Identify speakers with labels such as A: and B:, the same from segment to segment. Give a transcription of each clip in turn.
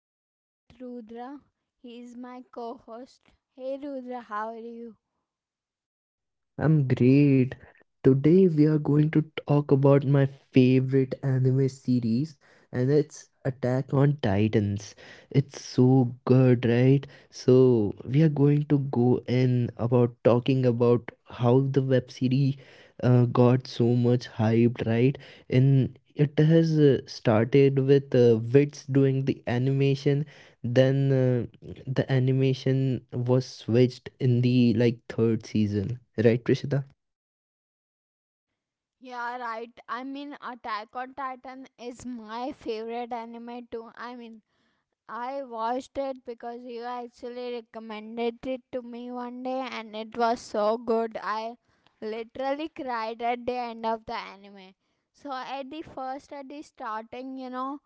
A: here with Rudra. He's my co host. Hey, Rudra, how are you?
B: I'm great. Today we are going to talk about my favorite anime series and it's Attack on Titans. It's so good, right? So we are going to go in about talking about how the web series got so much hyped, right? And it has started with Wits doing the animation then the animation was switched in the like third season, right, Trishita?
A: Yeah, right. I mean, Attack on Titan is my favorite anime, too. I watched it because you actually recommended it to me one day and it was so good. I literally cried at the end of the anime. So at the starting,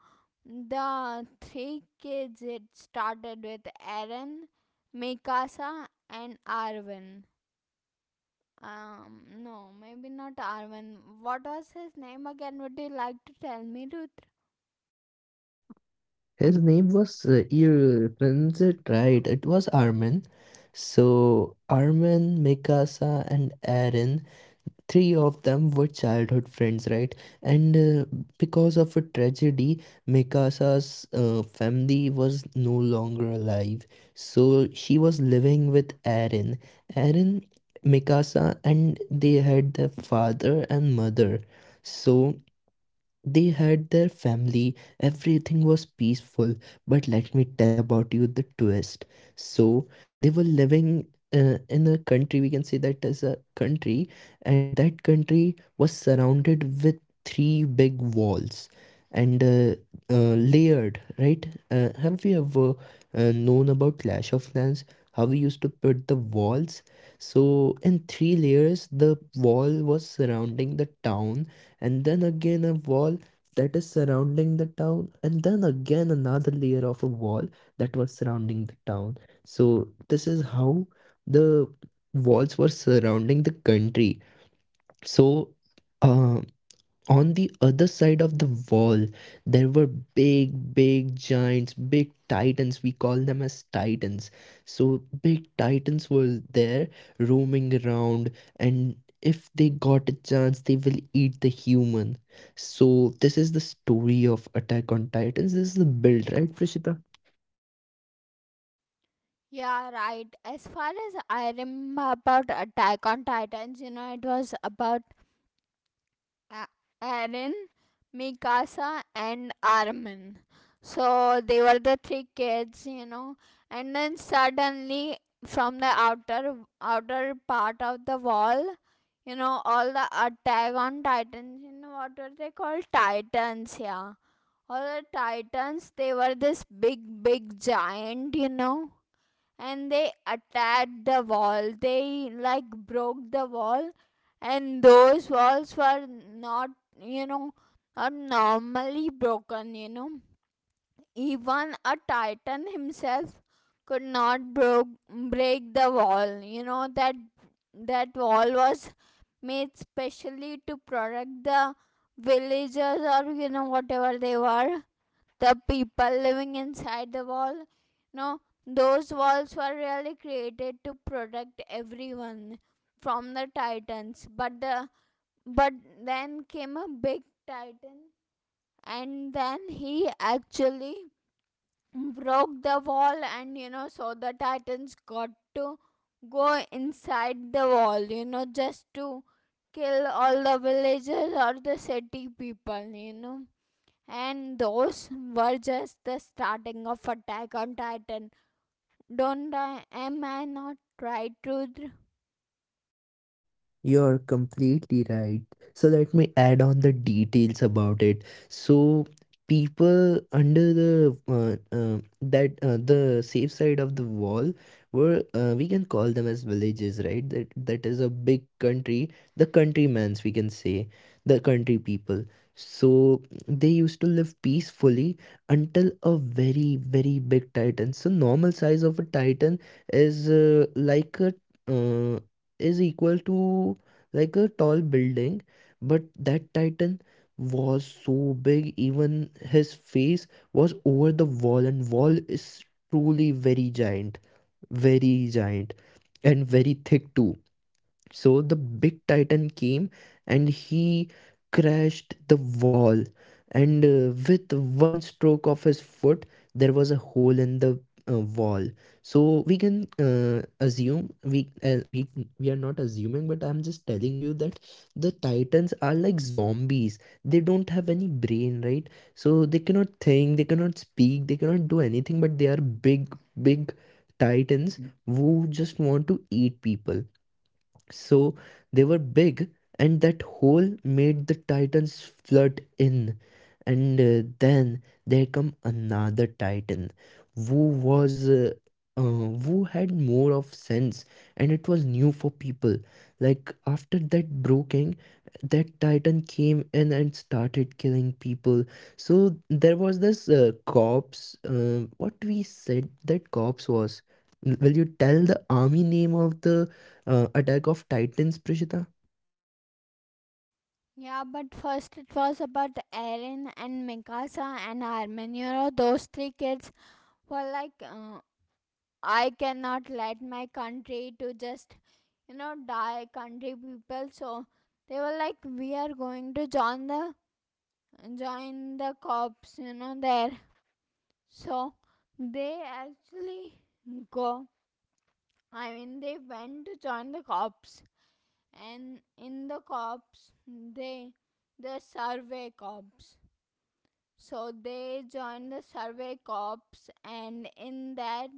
A: the three kids it started with Eren, Mikasa and Arwen. No, maybe not Arwen. What was his name again? Would you like to tell me, Ruth?
B: His name was you pronounce it right. It was Armin. So Armin, Mikasa, and Aaron three of them were childhood friends, right? And Because of a tragedy, Mikasa's family was no longer alive. So she was living with Aaron. Aaron, Mikasa, and they had their father and mother. So they had their family, everything was peaceful. But let me tell about you the twist. So, they were living in a country, we can say that as a country, and that country was surrounded with three big walls and layered, right? Have you ever known about Clash of Clans? How we used to put the walls. So, in three layers, the wall was surrounding the town and then again a wall that is surrounding the town, and then again another layer of a wall that was surrounding the town. So, this is how the walls were surrounding the country. So, uh, on the other side of the wall there were big giants, big titans, we call them as titans. So big titans were there roaming around, and if they got a chance they will eat the human. So this is the story of Attack on Titans. This is the build, right, Prishita?
A: Yeah, right. As far as I remember about Attack on Titans, it was about A- Aaron, Mikasa, and Armin. So they were the three kids, and then suddenly from the outer part of the wall, all the Attack on Titans, you know, what were they called? Titans, yeah. All the Titans, they were this big, big giant, you know, and they attacked the wall. They like broke the wall, and those walls were not, you know, not normally broken, you know. Even a titan himself could not break the wall, you know, that that wall was made specially to protect the villagers, or you know whatever they were, the people living inside the wall. No, those walls were really created to protect everyone from the titans. But but then came a big titan, and then he actually broke the wall, and you know, so the titans got to go inside the wall. You know, just to kill all the villagers or the city people. You know, and those were just the starting of Attack on Titan. Don't I am I not right, Rudra?
B: You're completely right. So let me add on the details about it. So people under the that the safe side of the wall were we can call them as villages, right? That is a big country, the countrymans we can say, the country people. So they used to live peacefully until a very very big titan. So normal size of a titan is like a uh, is equal to like a tall building, but that titan was so big, even his face was over the wall, and wall is truly very giant, and very thick too. So the big titan came and he crashed the wall. And With one stroke of his foot, there was a hole in the wall. So we can assume we are not assuming, but I'm just telling you that the titans are like zombies. They don't have any brain, right? So they cannot think, they cannot speak, they cannot do anything. But they are big titans who just want to eat people. So they were big, and that hole made the titans flood in. And Then there come another titan, who was who had more of sense, and it was new for people. Like after that broken, that titan came in and started killing people. So there was this corpse. What we said that corpse was. Will you tell the army name of the Attack of Titans, Prishita?
A: Yeah, but first it was about Eren and Mikasa and Armin. You know, those three kids were like, I cannot let my country to just, you know, die, country people. So they were like, we are going to join the cops. You know, there. So they actually go I mean, they went to join the cops, and in the cops, the survey cops. So they joined the survey cops, and in that,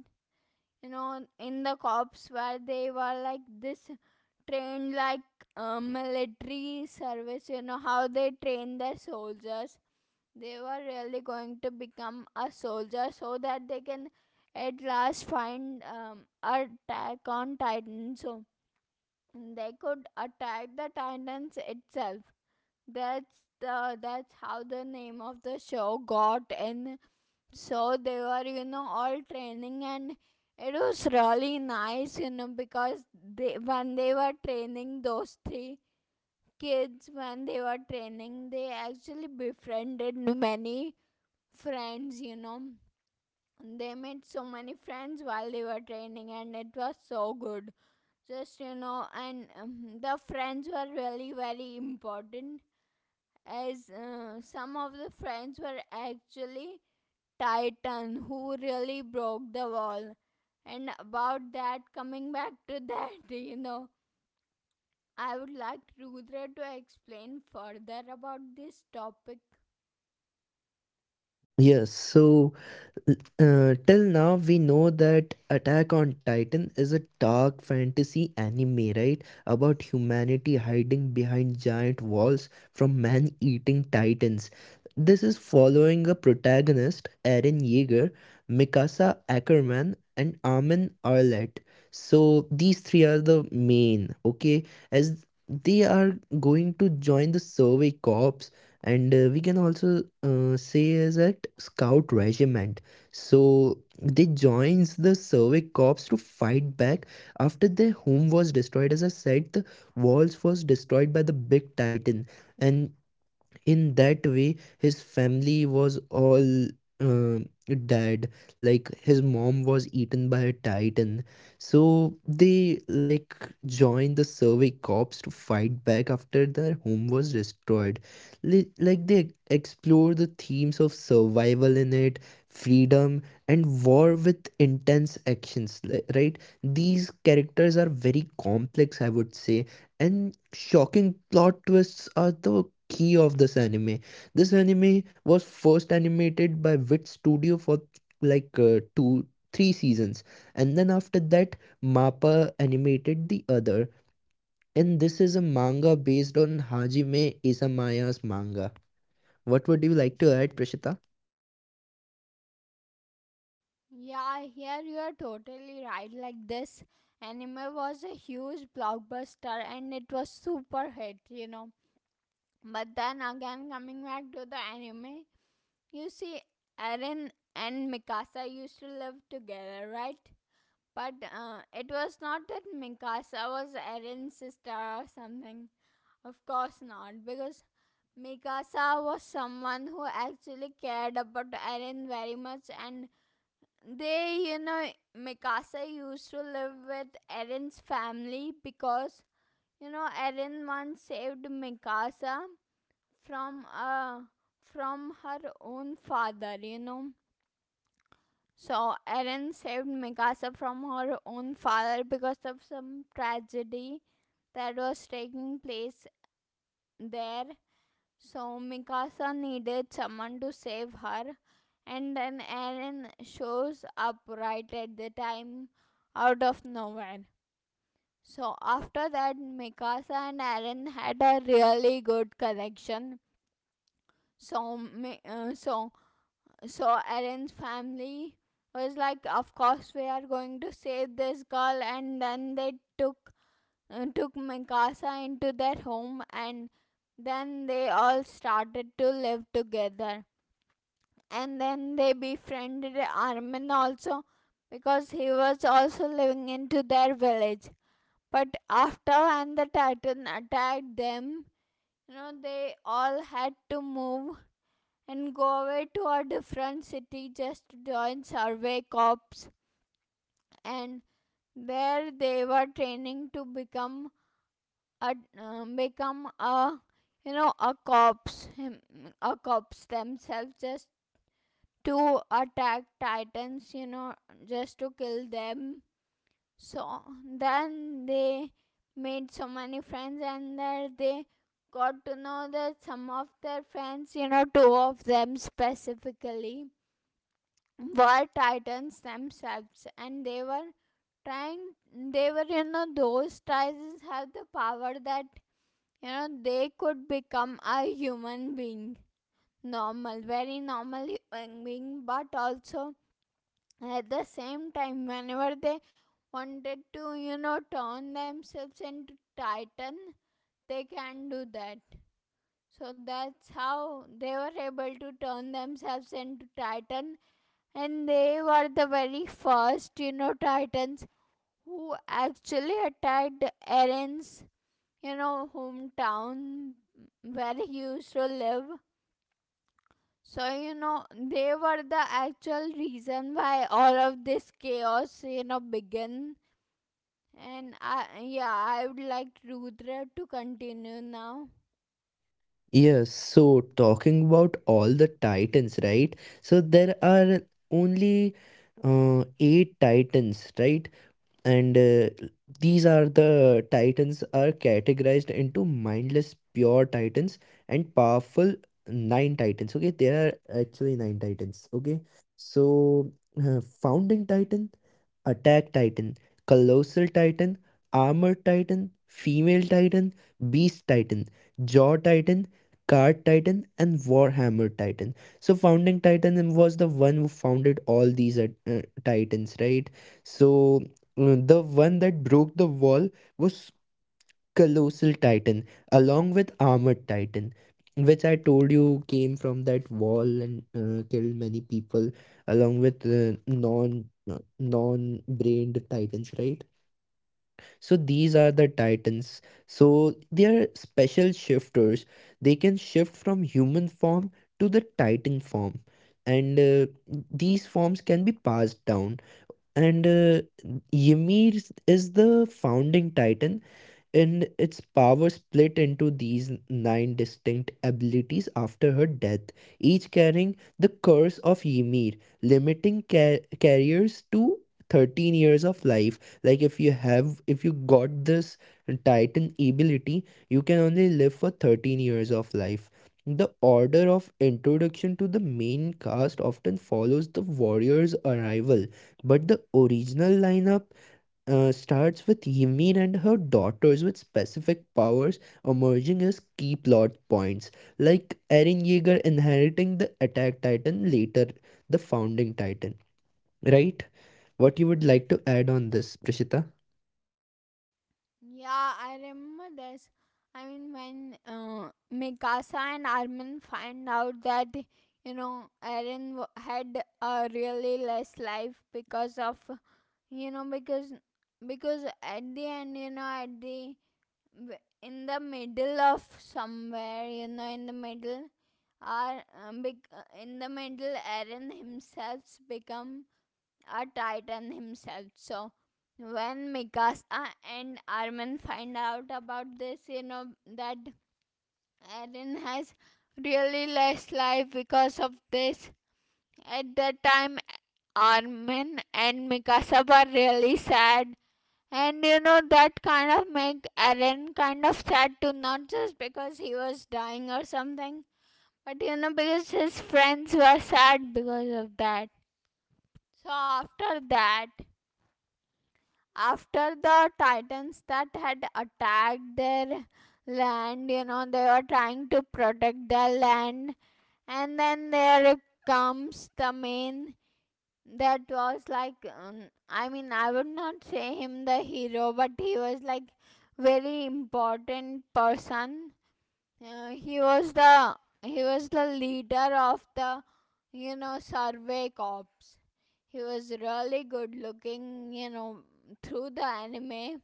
A: you know, in the cops where they were like this trained like military service, you know, how they train their soldiers. They were really going to become a soldier so that they can at last find attack on Titan. So they could attack the titans itself. That's how the name of the show got in. So they were, you know, all training, and it was really nice, you know, because they when they were training those three kids, when they were training, they actually befriended many friends, you know, they made so many friends while they were training, and it was so good, just, you know. And the friends were really very important, as some of the friends were actually titan who really broke the wall. And about that, coming back to that, you know, I would like Rudra to explain further about this topic.
B: Yes. So till now, we know that Attack on Titan is a dark fantasy anime, right? About humanity hiding behind giant walls from man eating titans. This is following a protagonist, Eren Yeager, Mikasa Ackerman, and Armin Arlett. So, these three are the main, okay? As they are going to join the Survey Corps, and we can also say as a scout regiment. So they joins the Slavic corps to fight back after their home was destroyed. As I said, the walls was destroyed by the big titan, and in that way his family was all uh, dead. Like his mom was eaten by a titan, so they like joined the survey corps to fight back after their home was destroyed. Like they explore the themes of survival in it, freedom, and war with intense actions. Right, these characters are very complex, I would say, and shocking plot twists are the key of this anime. This anime was first animated by Wit Studio for like two, three seasons, and then after that, MAPPA animated the other. And this is a manga based on Hajime Isamaya's manga. What would you like to add, Prishita?
A: Yeah, here you are totally right. Like this anime was a huge blockbuster, and it was super hit, you know. But then again, coming back to the anime, you see Eren and Mikasa used to live together, right? But it was not that Mikasa was Eren's sister or something. Of course not, because Mikasa was someone who actually cared about Eren very much, and they, you know, Mikasa used to live with Eren's family because, you know, Eren once saved Mikasa from uh from her own father, you know. So Erin saved Mikasa from her own father because of some tragedy that was taking place there. So Mikasa needed someone to save her, and then Erin shows up right at the time out of nowhere. So after that, Mikasa and Erin had a really good connection. So So Eren's family was like, "Of course, we are going to save this girl," and then they took took Mikasa into their home, and then they all started to live together. And then they befriended Armin also, because he was also living into their village. But after when the Titan attacked them, you know, they all had to move and go away to a different city just to join Survey Corps. And there they were training to become a become a, you know, a corpse, a corpse themselves, just to attack titans, you know, just to kill them. So then they made so many friends, and there they got to know that some of their friends, you know, two of them specifically, were titans themselves, and trying they were, you know, those titans have the power that, you know, they could become a human being, normal, very normal human being, but also at the same time, whenever they wanted to, you know, turn themselves into titan, they can do that. So that's how they were able to turn themselves into titan, and they were the very first, you know, titans who actually attacked the, you know, hometown where he used to live. So, you know, they were the actual reason why all of this chaos, you know, began. Yeah, I would like Rudra to continue now.
B: Yes, so talking about all the titans, right? So there are only eight titans, right? And these are the titans are categorized into mindless pure titans and powerful nine titans. Okay, there are actually nine titans. Okay, so founding titan, attack titan, colossal titan, armored titan, female titan, beast titan, jaw titan, card titan, and warhammer titan. So founding titan was the one who founded all these titans, right? So the one that broke the wall was Colossal Titan, along with Armored Titan, which I told you came from that wall and killed many people, along with non-brained titans, right? So these are the titans. So they are special shifters. They can shift from human form to the titan form, and these forms can be passed down and Ymir is the founding titan and its power split into these nine distinct abilities after her death, each carrying the curse of Ymir, limiting carriers to 13 years of life. Like if you have, if you got this Titan ability, you can only live for 13 years of life. The order of introduction to the main cast often follows the warrior's arrival, but the original lineup starts with Yimine and her daughters with specific powers emerging as key plot points, like Eren Yeager inheriting the Attack Titan, later the Founding Titan. Right? What you would like to add on this, Prishita?
A: Yeah, I remember this. I mean, when Mikasa and Armin find out that, you know, Eren had a really less life because of, you know, because at the end you know at the w- in the middle of somewhere you know in the middle are bec- in the middle, Eren himself become a titan himself. So when Mikasa and Armin find out about this, you know, that Eren has really less life because of this. At that time, Armin and Mikasa were really sad. And you know that kind of make Eren kind of sad too, not just because he was dying or something, but you know because his friends were sad because of that. So after that, after the titans that had attacked their land, you know, they were trying to protect their land, and then there comes the main that was like, I mean, I would not say him the hero, but he was like very important person. uh, he was the he was the leader of the, you know, survey corps. He was really good looking, you know, through the anime,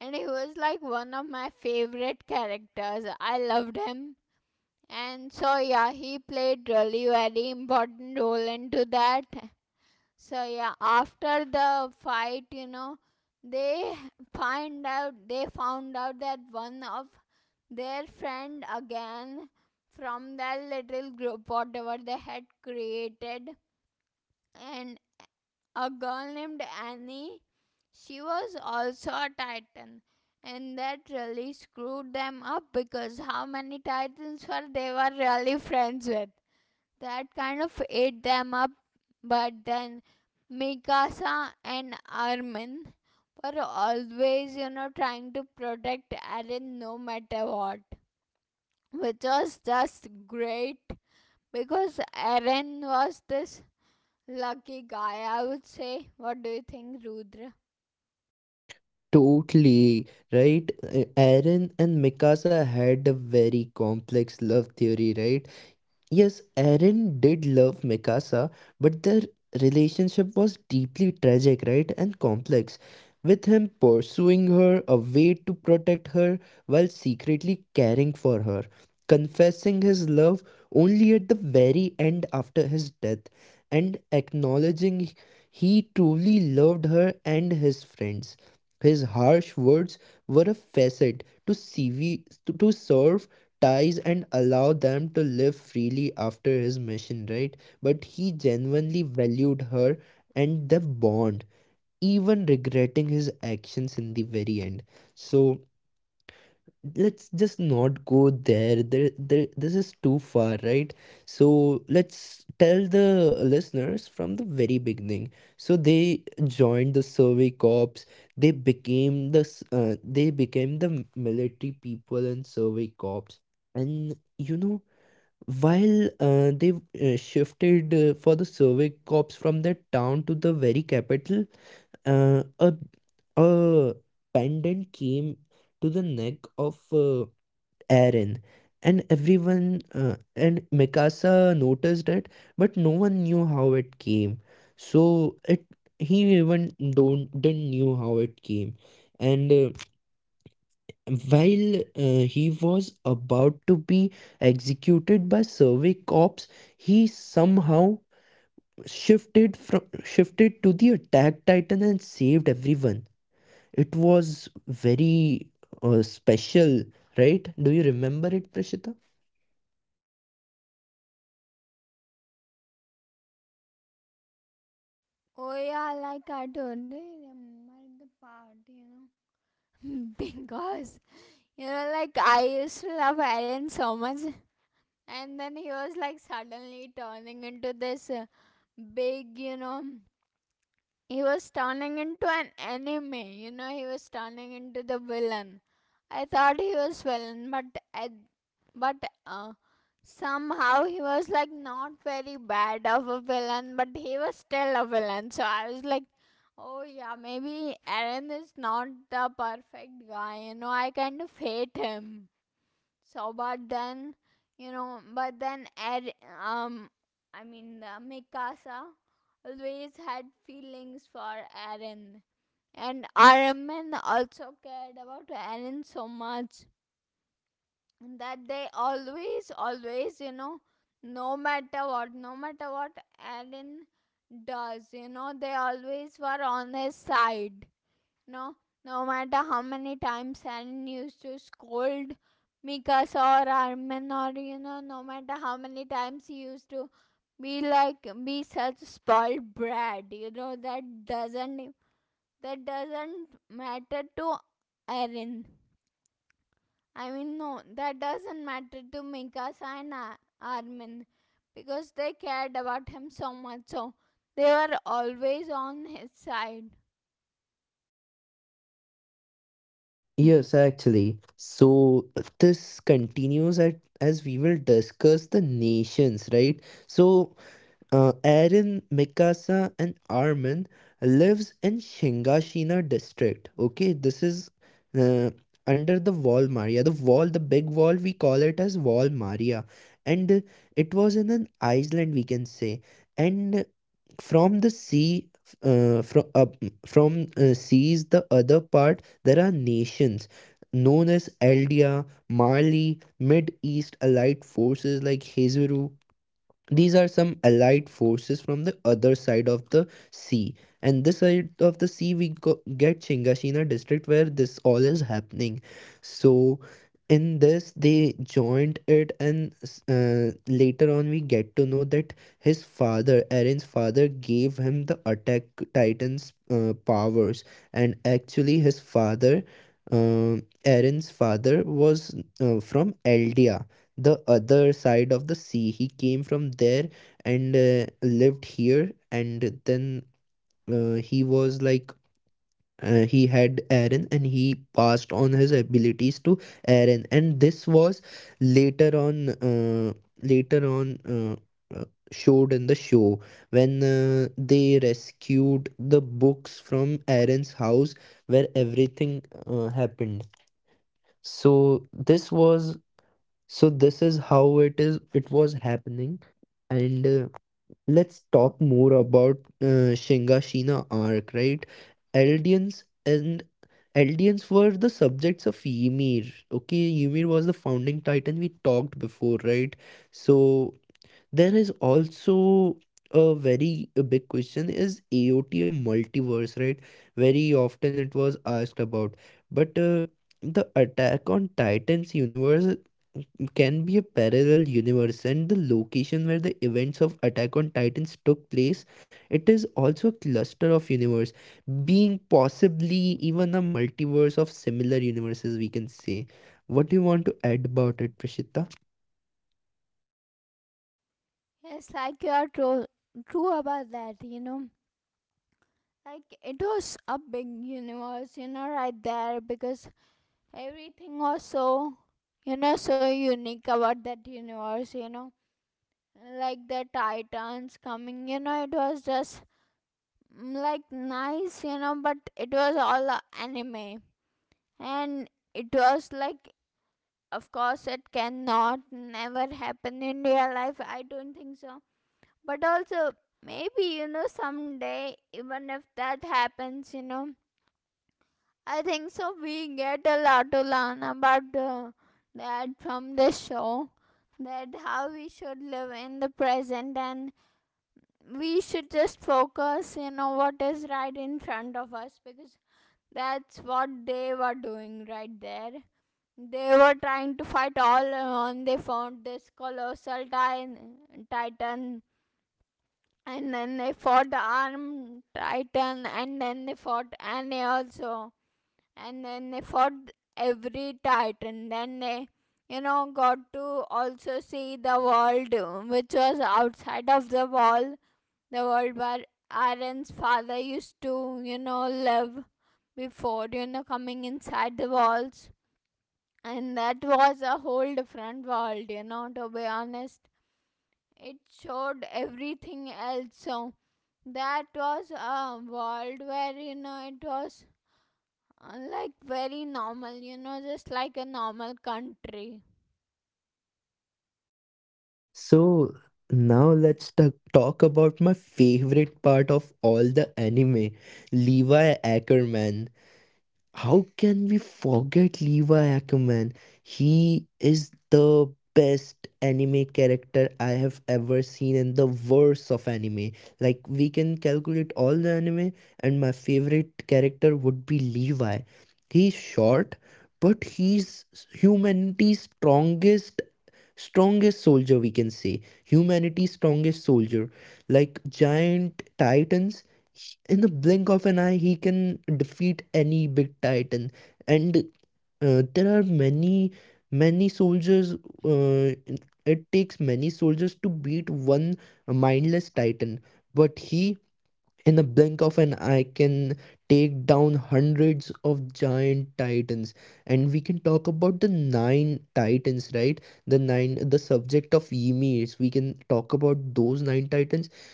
A: and he was like one of my favorite characters. I loved him. And so yeah, he played really very important role into that. So yeah, after the fight, you know, they they found out that one of their friend again from that little group, whatever they had created, and a girl named Annie. She was also a titan, and that really screwed them up, because how many titans were they were really friends with? That kind of ate them up. But then Mikasa and Armin were always, you know, trying to protect Eren no matter what, which was just great because Eren was this lucky guy, I would say. What do you think, Rudra?
B: Totally right. Eren and Mikasa had a very complex love theory, right? Yes, Aaron did love Mikasa, but their relationship was deeply tragic, right, and complex. With him pursuing her, a way to protect her, while secretly caring for her, confessing his love only at the very end after his death, and acknowledging he truly loved her and his friends. His harsh words were a facet to, CV, to serve ties and allow them to live freely after his mission, right? But he genuinely valued her and the bond, even regretting his actions in the very end. So, let's just not go there. This is too far, right? So let's tell the listeners from the very beginning. So they joined the survey corps, they became the they became the military people and survey corps. And you know, while they shifted for the survey corps from their town to the very capital, uh, a a pendant came to the neck of Aaron. And everyone, and Mikasa noticed it, but no one knew how it came. So it he even don't didn't knew how it came. And While he was about to be executed by survey Corps, he somehow shifted to the attack titan and saved everyone. It was very special, right? Do you remember it, Prashita?
A: Oh yeah, like I totally remember the part, you know. Because you know, like I used to love Aaron so much, and then he was like suddenly turning into this big, you know, he was turning into an enemy, you know, he was turning into the villain. I thought he was villain, but I, but uh, somehow he was like not very bad of a villain, but he was still a villain. So I was like, oh yeah, maybe Aaron is not the perfect guy, you know, I kind of hate him. So, but then, you know, but then, Ed, um, I mean, Mikasa always had feelings for Eren. And Araman also cared about Eren so much that they always, always, you know, no matter what, no matter what Eren does, you know, they always were on his side. No, no matter how many times Alan used to scold Mikas or Armin, or you know, no matter how many times he used to be such spoiled brat, you know, that doesn't matter to Erin. I mean, no, that doesn't matter to Mikas and Armin, because they cared about him so much, so they were always on his side.
B: Yes, actually. So this continues at as we will discuss the nations, right? So Aaron, Mikasa, and Armin lives in Shingashina district. Okay, this is uh, under the Wall Maria. The wall, the big wall, we call it as Wall Maria, and it was in an island, we can say. And from the sea, uh, from uh, from seas, the other part there are nations known as Eldia, Mali, Mid East allied forces like Hezaru, these are some allied forces from the other side of the sea. And this side of the sea, we get Chingashina district where this all is happening. So, in this, they joined it, and later on, we get to know that his father, Aaron's father, gave him the attack titan's powers. And actually, his father, uh, Eren's father, was from Eldia the other side of the sea. He came from there and lived here, and then he was like he had Aaron, and he passed on his abilities to Aaron, and this was later on, uh, later on. Uh, Showed in the show when they rescued the books from Aaron's house where everything happened. So this was, so this is how it is, it was happening. And Let's talk more about Shingashina arc, right? Eldians and Eldians were the subjects of Ymir. Okay, Ymir was the founding titan we talked before, right? So there is also a very big question: is AOT a multiverse, right? Very often it was asked about. But The Attack on Titans universe can be a parallel universe, and the location where the events of attack on titans took place, it is also a cluster of universe, being possibly even a multiverse of similar universes, we can say. What do you want to add about it, prashita?
A: Yes, like you are true, true about that, you know. Like it was a big universe, you know, right there, because everything was so, you know, so unique about that universe, you know. Like the Titans coming, you know, it was just, like nice, you know, but it was all a anime. And it was like, of course, it cannot never happen in real life. I don't think so. But also, maybe, you know, someday, even if that happens, you know, I think so. We get a lot to learn about that from this show, that how we should live in the present, and we should just focus, what is right in front of us, because that's what they were doing right there. They were trying to fight all on. They found this colossal titan, and then they fought armed titan, and then they fought Annie also, and then they fought every titan. Then they got to also see the world which was outside of the wall, the world where Aaron's father used to live before coming inside the walls. And that was a whole different world, to be honest. It showed everything else. So that was a world where it was like very normal, you know, just like a normal country.
B: So now talk about my favorite part of all the anime, Levi Ackerman. How can we forget Levi Ackerman? He is the best anime character I have ever seen and the worst of anime. Like we can calculate all the anime, and my favorite character would be Levi. He's short, but he's humanity's strongest, soldier, we can say humanity's strongest soldier. Like giant titans, in the blink of an eye he can defeat any big titan. And there are many, many soldiers, uh, it takes many soldiers to beat one mindless titan, but he in the blink of an eye can take down hundreds of giant titans. And we can talk about the nine titans, right? The nine, the subject of emi, we can talk about those nine titans.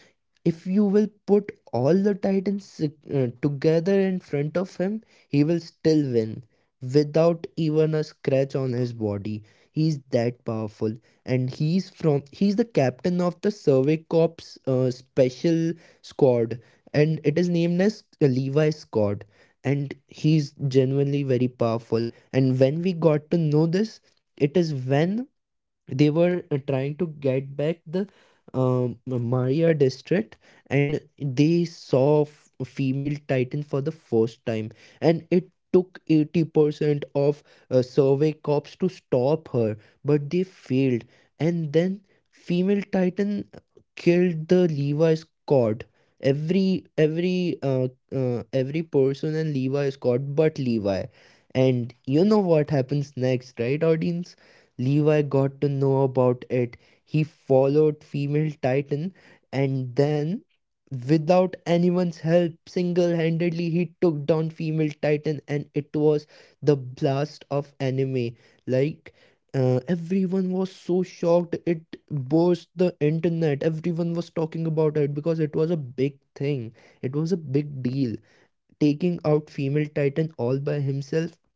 B: If you will put all the Titans together in front of him, he will still win without even a scratch on his body. He's that powerful, and he's the captain of the Survey Corps special squad, and it is named as Levi Squad. And he's genuinely very powerful. And when we got to know this, it is when they were trying to get back the Maya district, and they saw a female titan for the first time, and it took 80% of survey cops to stop her, but they failed. And then female titan killed the levi squad, every every uh, every person in levi squad but levi. And you know what happens next, right, audience? Levi got to know about it. He followed female Titan, and then without anyone's help, single-handedly he took down female titan, and it was the blast of anime. Like everyone was so shocked, it burst the internet, everyone was talking about it because it was a big thing, it was a big deal, taking out female titan all by himself.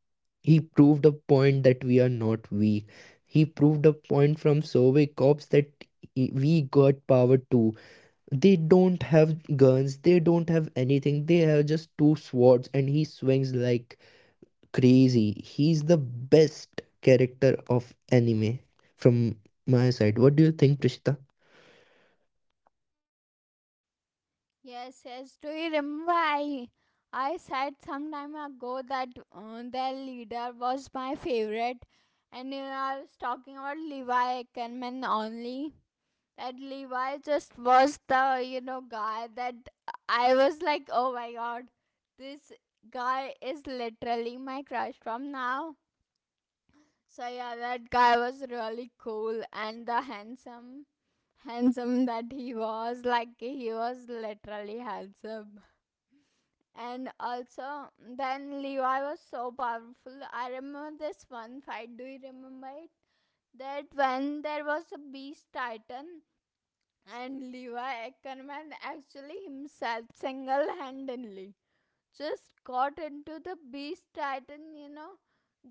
B: He proved a point that we are not weak. He proved a point from Survey Corps that we got power too. They don't have guns, they don't have anything, they have just two swords, and he swings like crazy. He's the best character of anime from my side. What do you think, Prishita?
A: Yes, yes. Do you remember I said some time ago that their leader was my favorite, and you know, I was talking about Levi Ackerman only. That Levi just was the guy that I was like, oh my god, this guy is literally my crush from now. So yeah, that guy was really cool, and the handsome that he was, like, he was literally handsome. And also, then Levi was so powerful. I remember this one fight, do you remember it? That when there was a beast titan. And Levi Ackerman actually himself single handedly just got into the Beast Titan, you know.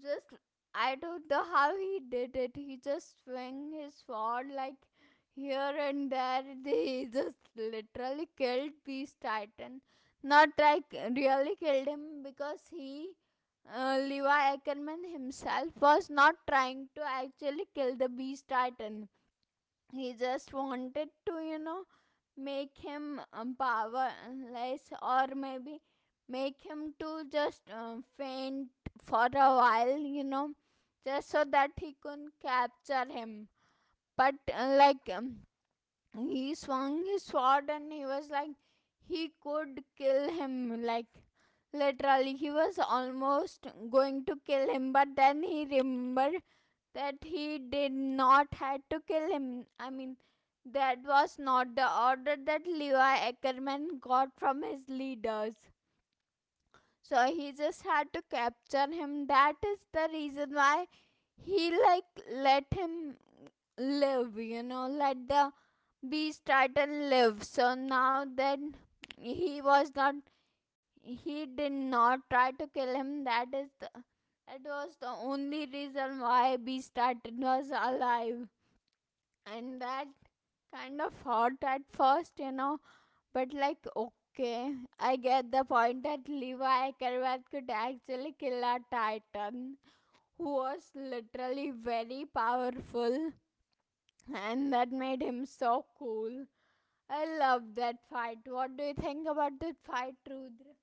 A: Just, I don't know how he did it. He just swung his sword like here and there. He just literally killed Beast Titan. Not like really killed him, because he Levi Ackerman himself was not trying to actually kill the Beast Titan. He just wanted to make him powerless, or maybe make him to just faint for a while, you know, just so that he couldn't capture him. But like he swung his sword and he was like he could kill him, like literally he was almost going to kill him, but then he remembered that he did not had to kill him. I mean, that was not the order that Levi Ackerman got from his leaders. So he just had to capture him. That is the reason why he, like, let him live, you know, let the be Titan live. So now that he was not he did not try to kill him. That was the only reason why b Titan was alive, and that kind of hurt at first, you know, but like, okay, I get the point that Levi Ackerman could actually kill a titan who was literally very powerful, and that made him so cool. I love that fight. What do you think about that fight, Rudra?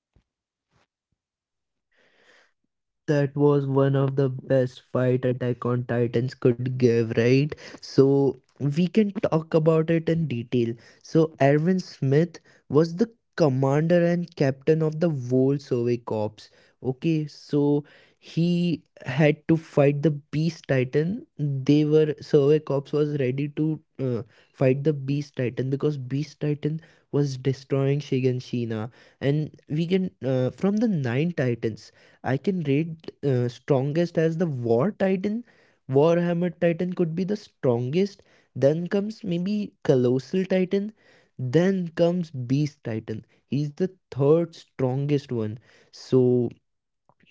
B: That was one of the best fight Attack on Titans could give, right? So we can talk about it in detail. So Erwin Smith was the commander and captain of the whole Survey Corps. Okay, so he had to fight the Beast Titan. They were, Survey Corps was ready to fight the Beast Titan because Beast Titan was destroying Shiganshina, and we can from the Nine Titans, I can rate strongest as the War Titan. Warhammer Titan could be the strongest. Then comes maybe Colossal Titan. Then comes Beast Titan. He's the third strongest one. So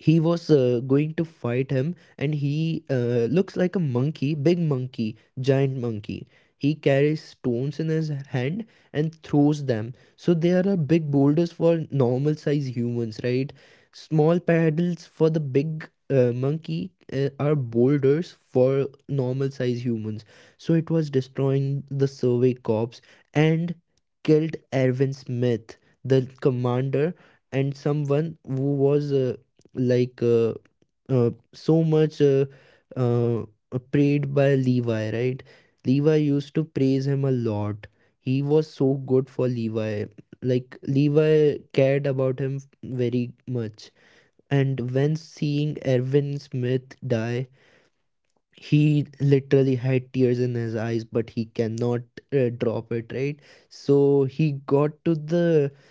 B: he was going to fight him, and he looks like a monkey, big monkey, giant monkey. He carries stones in his hand and throws them. So there are big boulders for normal size humans, right? Small paddles for the big monkey are boulders for normal size humans. So it was destroying the survey corps, and killed erwin smith, the commander, and someone who was like so much uh, prayed by Levi, right? Levi used to praise him a lot. He was so good for Levi. Like Levi cared about him very much. And when seeing Erwin Smith die, he literally had tears in his eyes, but he cannot drop it, right? So he got to the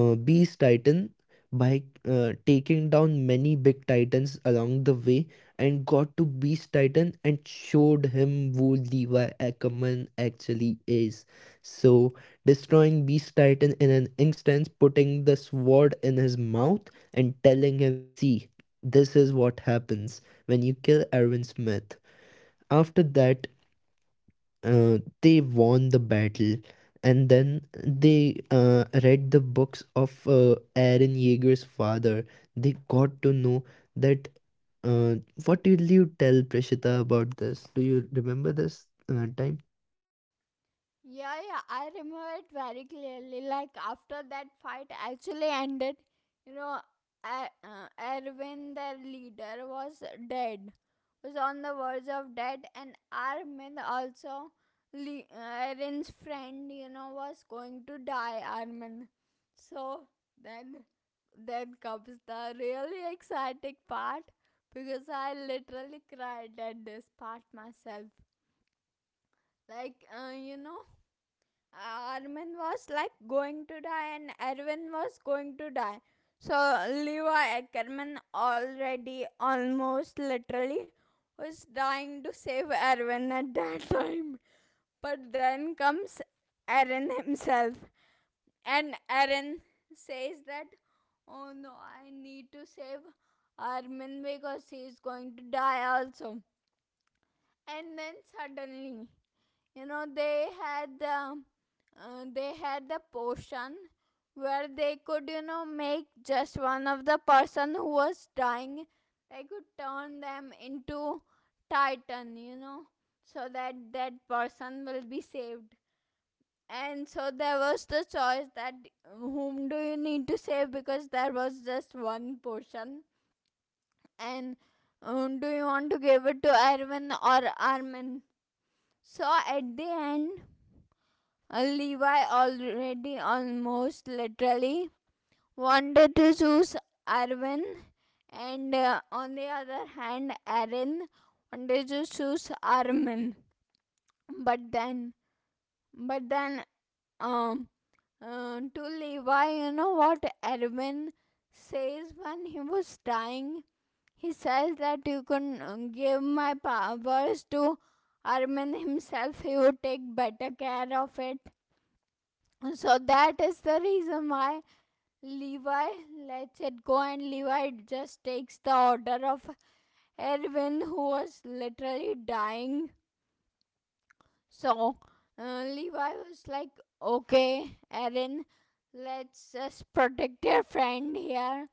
B: Beast Titan by taking down many big titans along the way, and got to Beast Titan and showed him who Levi Ackerman actually is. So, destroying Beast Titan in an instance, putting the sword in his mouth and telling him, "See, this is what happens when you kill Erwin Smith." After that, they won the battle, and then they read the books of Aaron Yeager's father. They got to know that. Uh, what did you tell Prishita about this? Do you remember this time?
A: Yeah, yeah, I remember it very clearly. Like, after that fight actually ended, you know, Er- uh, Erwin, their leader, was dead, was on the verge of dead. And Armin also, Erin's friend, you know, was going to die. Armin, so then, then comes the really exciting part, because I literally cried at this part myself. Like, uh, you know Armin was like going to die and Erwin was going to die. So Levi Ackerman already almost literally was trying to save Erwin at that time. But then comes Aaron himself, and Aaron says that, oh no, I need to save Armin because he is going to die also. And then suddenly, you know, they had the potion where they could make just one of the person who was dying, they could turn them into titan, you know, so that that person will be saved. And so there was the choice, that whom do you need to save, because there was just one portion. And do you want to give it to Erwin or Armin? So at the end, Levi already almost literally wanted to choose Arwen, and on the other hand, Aaron wanted to choose Armin. But then, but then, um, to Levi, you know what Arwen says when he was dying? He says that, you can give my powers to Armin himself, he would take better care of it. So that is the reason why Levi lets it go, and Levi just takes the order of Erwin, who was literally dying. So Levi was like, "Okay, Erwin, let's just protect your friend here."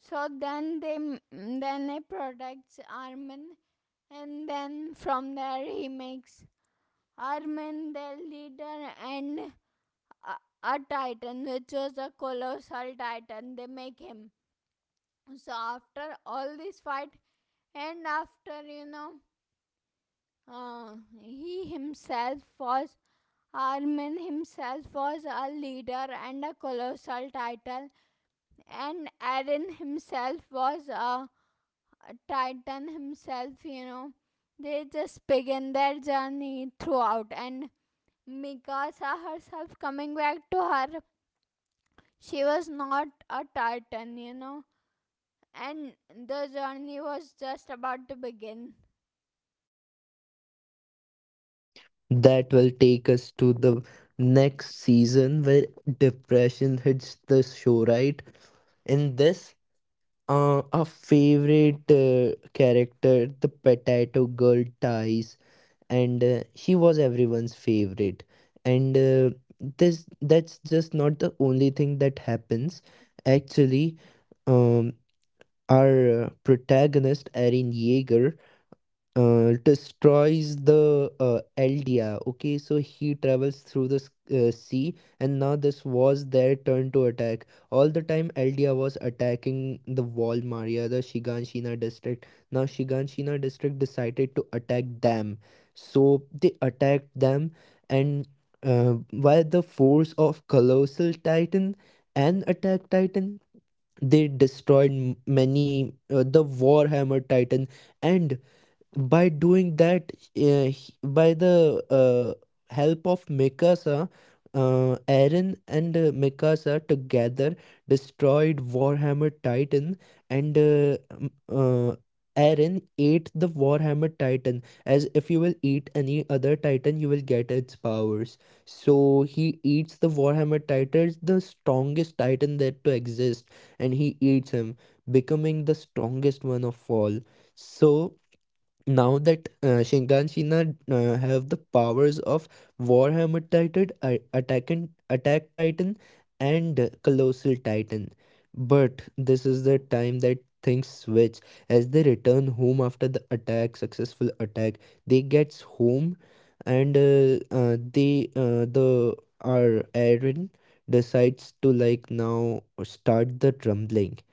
A: So then he protects Armin, and then from there he makes Armin the leader, and a a titan, which was a colossal titan, they make him. So after all this fight, and after you know uh, he himself was Armin himself was a leader and a colossal titan. And Aaron himself was a titan himself, you know, they just begin their journey throughout. And Mikasa herself coming back to her. She was not a titan, you know, and the journey was just about to begin.
B: That will take us to the next season, where depression hits the show, right? In this, our favorite character, the potato girl, dies, and she was everyone's favorite. And this, that's just not the only thing that happens. Actually, um our protagonist Erin Yeager destroys the Eldia. Okay, so he travels through the sea, and now this was their turn to attack. All the time, Eldia was attacking the wall Maria, the Shiganshina district. Now, Shiganshina district decided to attack them, so they attacked them, and by the force of Colossal Titan and Attack Titan, they destroyed many the Warhammer Titan. And by doing that, by the uh, help of mikasa, eren and mikasa together destroyed warhammer titan. And eren ate the warhammer titan. As if you will eat any other titan, you will get its powers. So he eats the warhammer titan, the strongest titan that to exist, and he eats him, becoming the strongest one of all. So now that Shinkanshina have the powers of Warhammer Titan, Attack Attack Titan, and Colossal Titan, but this is the time that things switch. As they return home after the attack, successful attack, they gets home, and they the our Aaron decides to like now start the rumbling.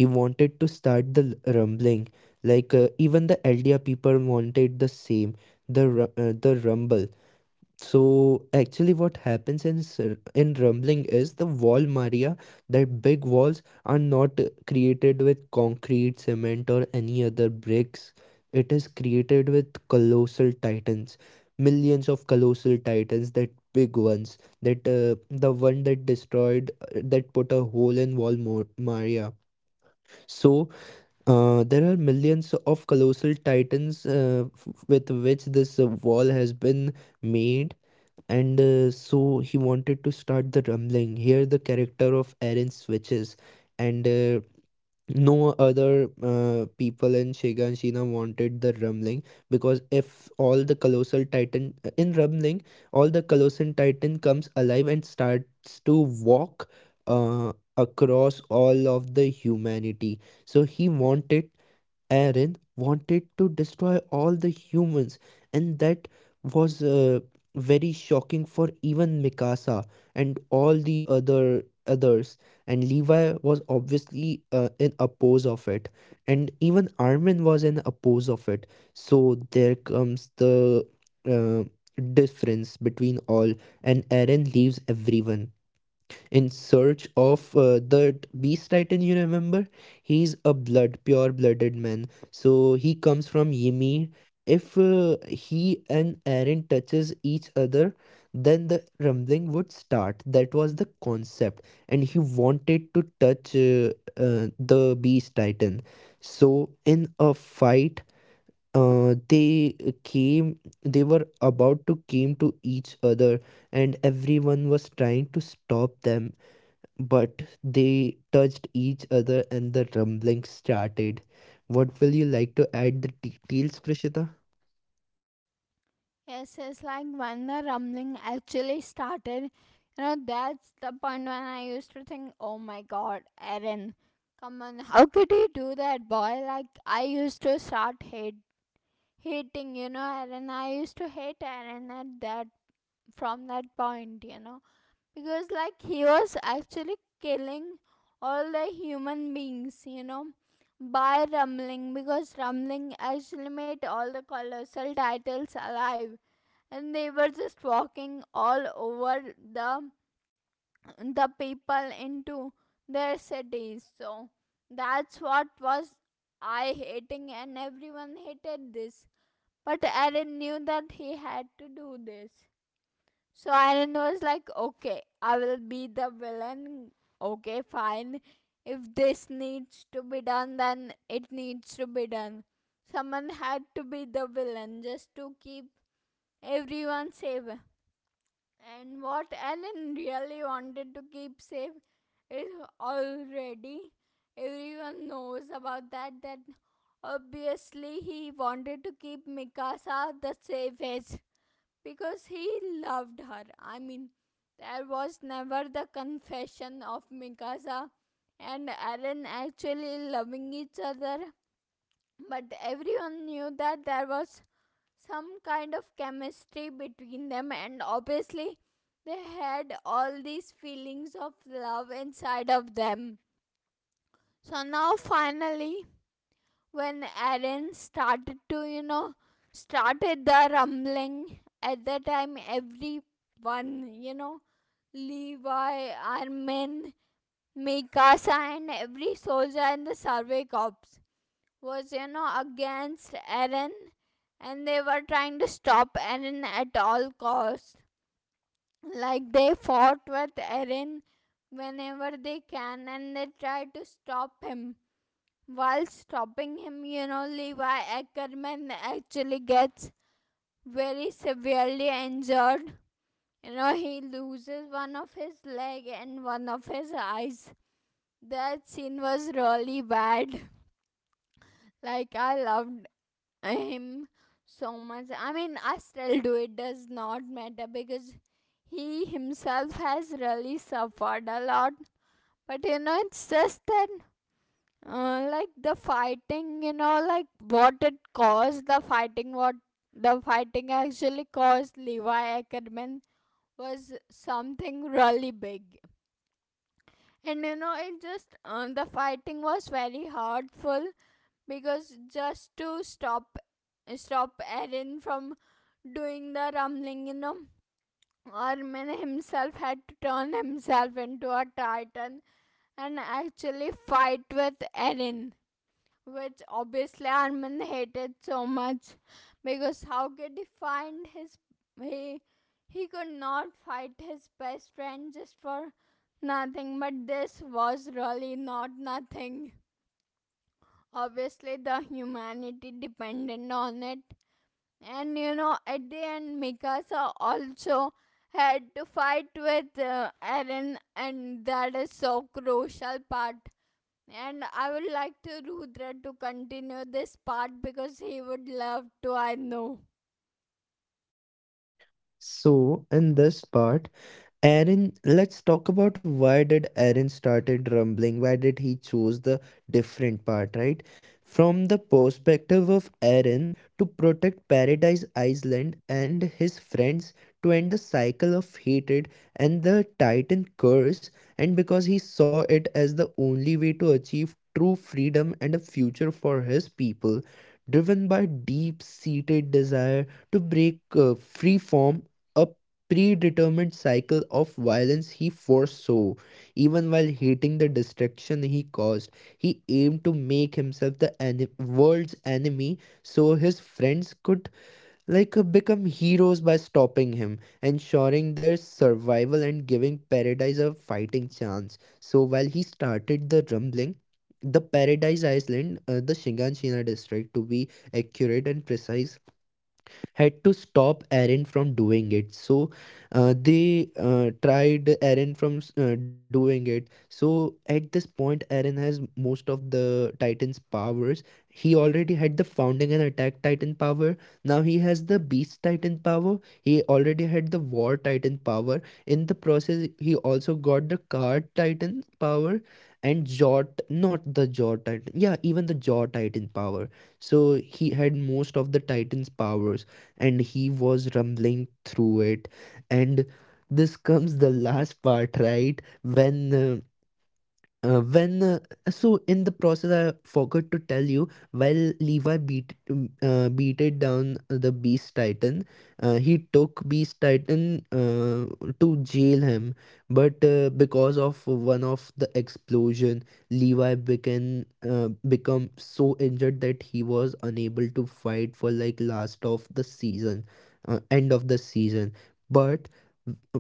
B: He wanted to start the rumbling, like even the ldr people wanted the same, the rumble. So actually what happens in in rumbling is the wall maria, that big walls are not created with concrete, cement, or any other bricks. It is created with colossal titans, millions of colossal titans, that big ones, that the one that destroyed that put a hole in wall maria. So there are millions of colossal titans with which this wall has been made. And so he wanted to start the rumbling. Here, the character of Eren switches, and no other people in Shiga and Shina wanted the rumbling, because if all the colossal titan in rumbling, all the colossal titan comes alive and starts to walk across all of the humanity. So he wanted, Aaron wanted to destroy all the humans, and that was very shocking for even Mikasa and all the other others. And Levi was obviously in oppose of it, and even Armin was in oppose of it. So there comes the uh, difference between all, and Aaron leaves everyone in search of the Beast Titan, you remember? He's a blood, pure blooded man. So he comes from Ymir. If he and Eren touches each other, then the rumbling would start. That was the concept. And he wanted to touch the Beast Titan. So in a fight, they came, they were about to came to each other, and everyone was trying to stop them, but they touched each other and the rumbling started. What will you like to add the details, Prishita?
A: Yes, it's like when the rumbling actually started. You know, that's the point when I used to think, oh my god, Aaron, come on, how could you do that, boy? Like, I used to start hating, you know, Aaron. I used to hate Aaron from that point, you know. Because like he was actually killing all the human beings, you know, by rumbling. Because rumbling actually made all the colossal titles alive, and they were just walking all over the the people into their cities. So that's what was I hating, and everyone hated this. But Aaron knew that he had to do this, so Iron was like, okay, I will be the villain. Okay, fine. If this needs to be done, then it needs to be done. Someone had to be the villain just to keep everyone safe. And what Ellen really wanted to keep safe is, already, everyone knows about that. That obviously he wanted to keep Mikasa the safest, because he loved her. I mean, there was never the confession of Mikasa and Aaron actually loving each other, but everyone knew that there was some kind of chemistry between them, and obviously, they had all these feelings of love inside of them. So now, finally, when Aaron started to, you know, started the rumbling, at that time everyone, Levi, Armin, Mikasa, and every soldier in the survey corps was against Aaron, and they were trying to stop Aaron at all costs. Like, they fought with Aaron whenever they can, and they tried to stop him. While stopping him, you know, Levi Ackerman actually gets very severely injured. You know, he loses one of his leg and one of his eyes. That scene was really bad. Like, I loved him so much. I mean, I still do. It does not matter, because he himself has really suffered a lot. But you know, it's just that, like, the fighting, you know, like what it caused, the fighting, what the fighting actually caused Levi Ackerman, was something really big. And you know, the fighting was very hurtful, because just to stop Aaron from doing the rumbling, you know, Armin himself had to turn himself into a titan and actually fight with Aaron, which obviously Armin hated so much, because how could he find his he he could not fight his best friend just for nothing, but this was really not nothing. Obviously, the humanity depended on it, and you know, at the end, Mikasa also had to fight with Eren, and that is so crucial part. And I would like to Rudra to continue this part, because he would love to, I know.
B: So, in this part, Aaron, let's talk about why did Aaron started rumbling. Why did he choose the different part, right? From the perspective of Aaron, to protect Paradise Island and his friends, to end the cycle of hatred and the Titan curse, and because he saw it as the only way to achieve true freedom and a future for his people, driven by deep-seated desire to break free from a predetermined cycle of violence he foresaw. Even while hating the destruction he caused, he aimed to make himself the world's enemy, so his friends could like become heroes by stopping him, ensuring their survival and giving paradise a fighting chance. So while he started the rumbling, the Paradise Island, the Shinganshina district, to be accurate and precise, had to stop Aaron from doing it. So they tried Aaron from doing it. So at this point, Aaron has most of the Titan's powers. He already had the Founding and Attack Titan power. Now he has the Beast Titan power. He already had the War Titan power. In the process, he also got the Card Titan power and Jaw, not the Jaw Titan. Yeah, even the Jaw Titan power. So he had most of the Titan's powers, and he was rumbling through it. And this comes the last part, right, when uh, when uh, so in the process, I forgot to tell you, while levi beated down the beast titan, he took beast titan to jail him. But because of one of the explosion, levi became become so injured that he was unable to fight for like last of the season, end of the season. But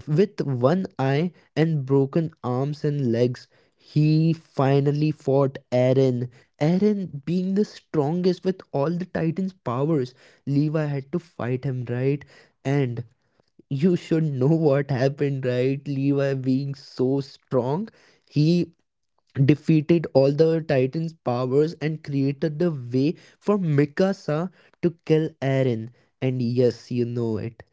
B: with one eye and broken arms and legs, he finally fought Eren. Eren, being the strongest with all the Titans' powers, Levi had to fight him, right? And you should know what happened, right? Levi, being so strong, he defeated all the Titans' powers and created the way for Mikasa to kill Eren. And yes, you know it.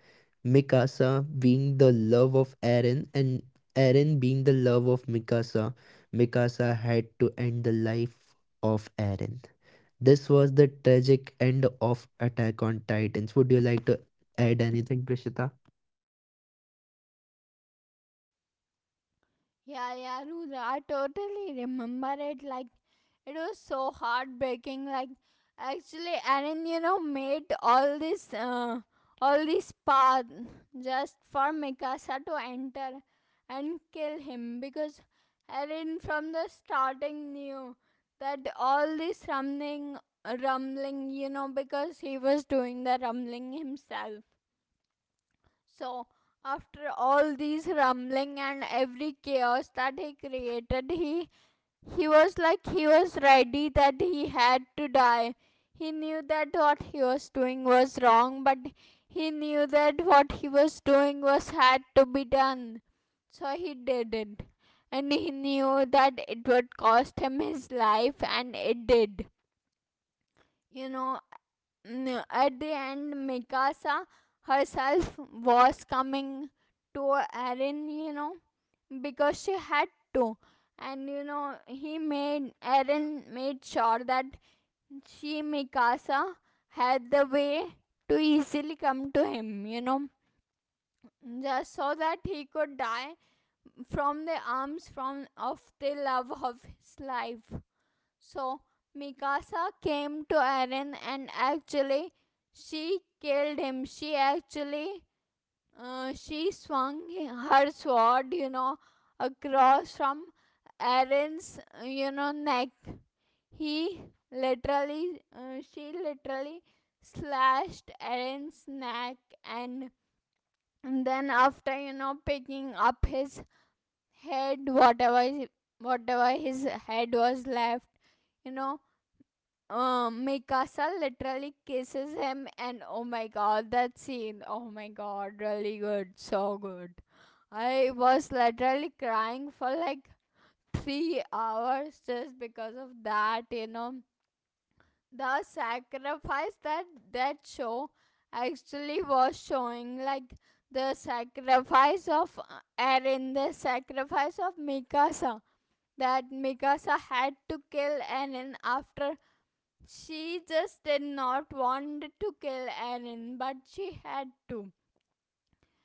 B: Mikasa being the love of Eren, and Eren being the love of Mikasa, Mikasa had to end the life of Eren. This was the tragic end of Attack on Titans. Would you like to add anything, Prishita?
A: Yeah, yeah, Rudra, I totally remember it, like, it was so heartbreaking. Like actually, Aaron, you know, made all this path just for Mikasa to enter and kill him, because Aaron from the starting knew that all this rumbling, you know, because he was doing the rumbling himself. So, after all these rumbling and every chaos that he created, he was ready that he had to die. He knew that what he was doing was wrong, but he knew that what he was doing was had to be done. So he did it. And he knew that it would cost him his life, and it did. You know, at the end, Mikasa herself was coming to Eren, you know, because she had to. And you know, he made Eren made sure that she, Mikasa, had the way to easily come to him, you know, just so that he could die from the arms from of the love of his life. So Mikasa came to Eren, and actually she killed him. She swung her sword, you know, across from Eren's neck. He literally she literally slashed Eren's neck. And and then, after picking up his head, whatever his head was left, you know Mikasa literally kisses him. And oh my god, that scene, oh my god, really good, so good. I was literally crying for like 3 hours, just because of that, you know, the sacrifice that that show actually was showing, like the sacrifice of Eren, the sacrifice of Mikasa, that Mikasa had to kill Eren, after. She just did not want to kill Erin, but she had to.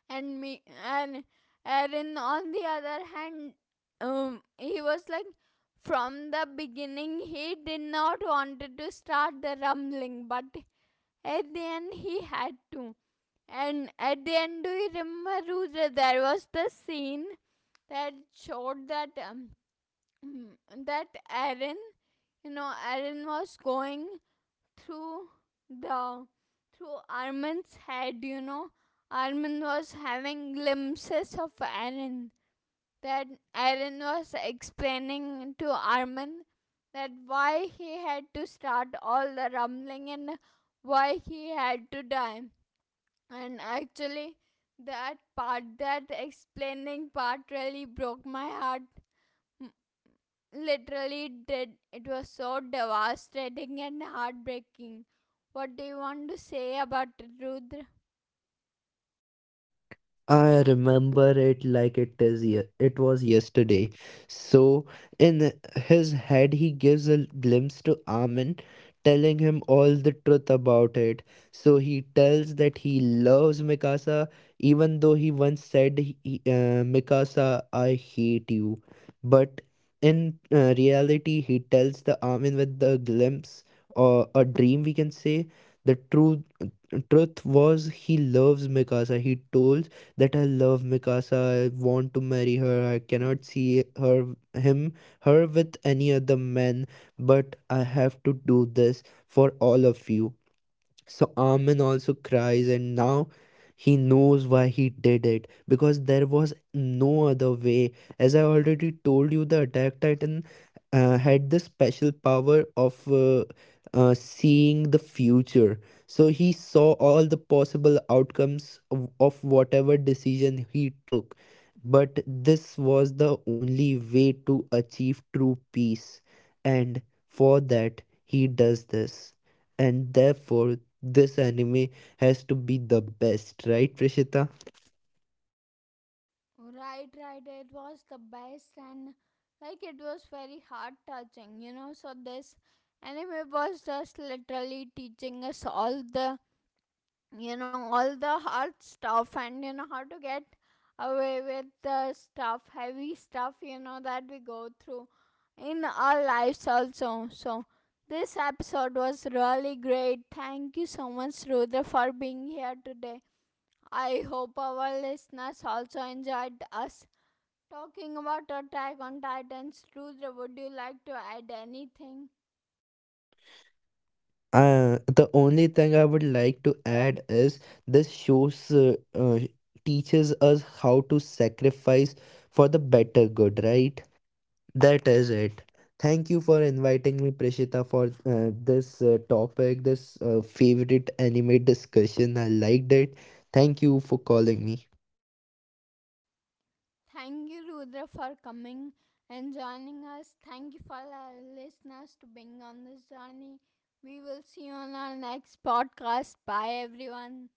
A: And me and Erin, on the other hand, he was like, from the beginning he did not wanted to start the rumbling, but at the end he had to. And at the end, do you remember, Rudra? There was the scene that showed that, that Erin, you know, Erin was going through the through Armin's head, you know. Armin was having glimpses of Aaron. That Aaron was explaining to Armin that why he had to start all the rumbling, and why he had to die. And actually, that part, that explaining part, really broke my heart, literally did. It was so devastating and heartbreaking. What do you want to say about it, Rudra?
B: I remember it like it is it was yesterday. So in his head he gives a glimpse to Amin, telling him all the truth about it. So he tells that he loves Mikasa, even though he once said he, "Mikasa, I hate you." But in reality he tells the Amin with the glimpse, or a dream we can say, the truth. Truth was he loves Mikasa. He told that I love Mikasa, I want to marry her, I cannot see her with any other man, but I have to do this for all of you. So Armin also cries, and now he knows why he did it, because there was no other way. As I already told you, the Attack Titan had the special power of seeing the future. So he saw all the possible outcomes of whatever decision he took. But this was the only way to achieve true peace, and for that, he does this, and therefore this anime has to be the best, right, Prishita?
A: Right, right. It was the best, and like, it was very heart touching, you know. So, this anime was just literally teaching us all the hard stuff, and you know how to get away with the stuff heavy stuff, you know, that we go through in our lives also. So this episode was really great. Thank you so much, Rudra, for being here today. I hope our listeners also enjoyed us talking about Attack on Titans. Rudra, would you like to add anything?
B: The only thing I would like to add is this shows teaches us how to sacrifice for the better good, right? That is it. Thank you for inviting me, Prishita, for this topic, this favorite anime discussion. I liked it. Thank you for calling me.
A: Thank you, Rudra, for coming and joining us. Thank you for our listeners to being on this journey. We will see you on our next podcast. Bye, everyone.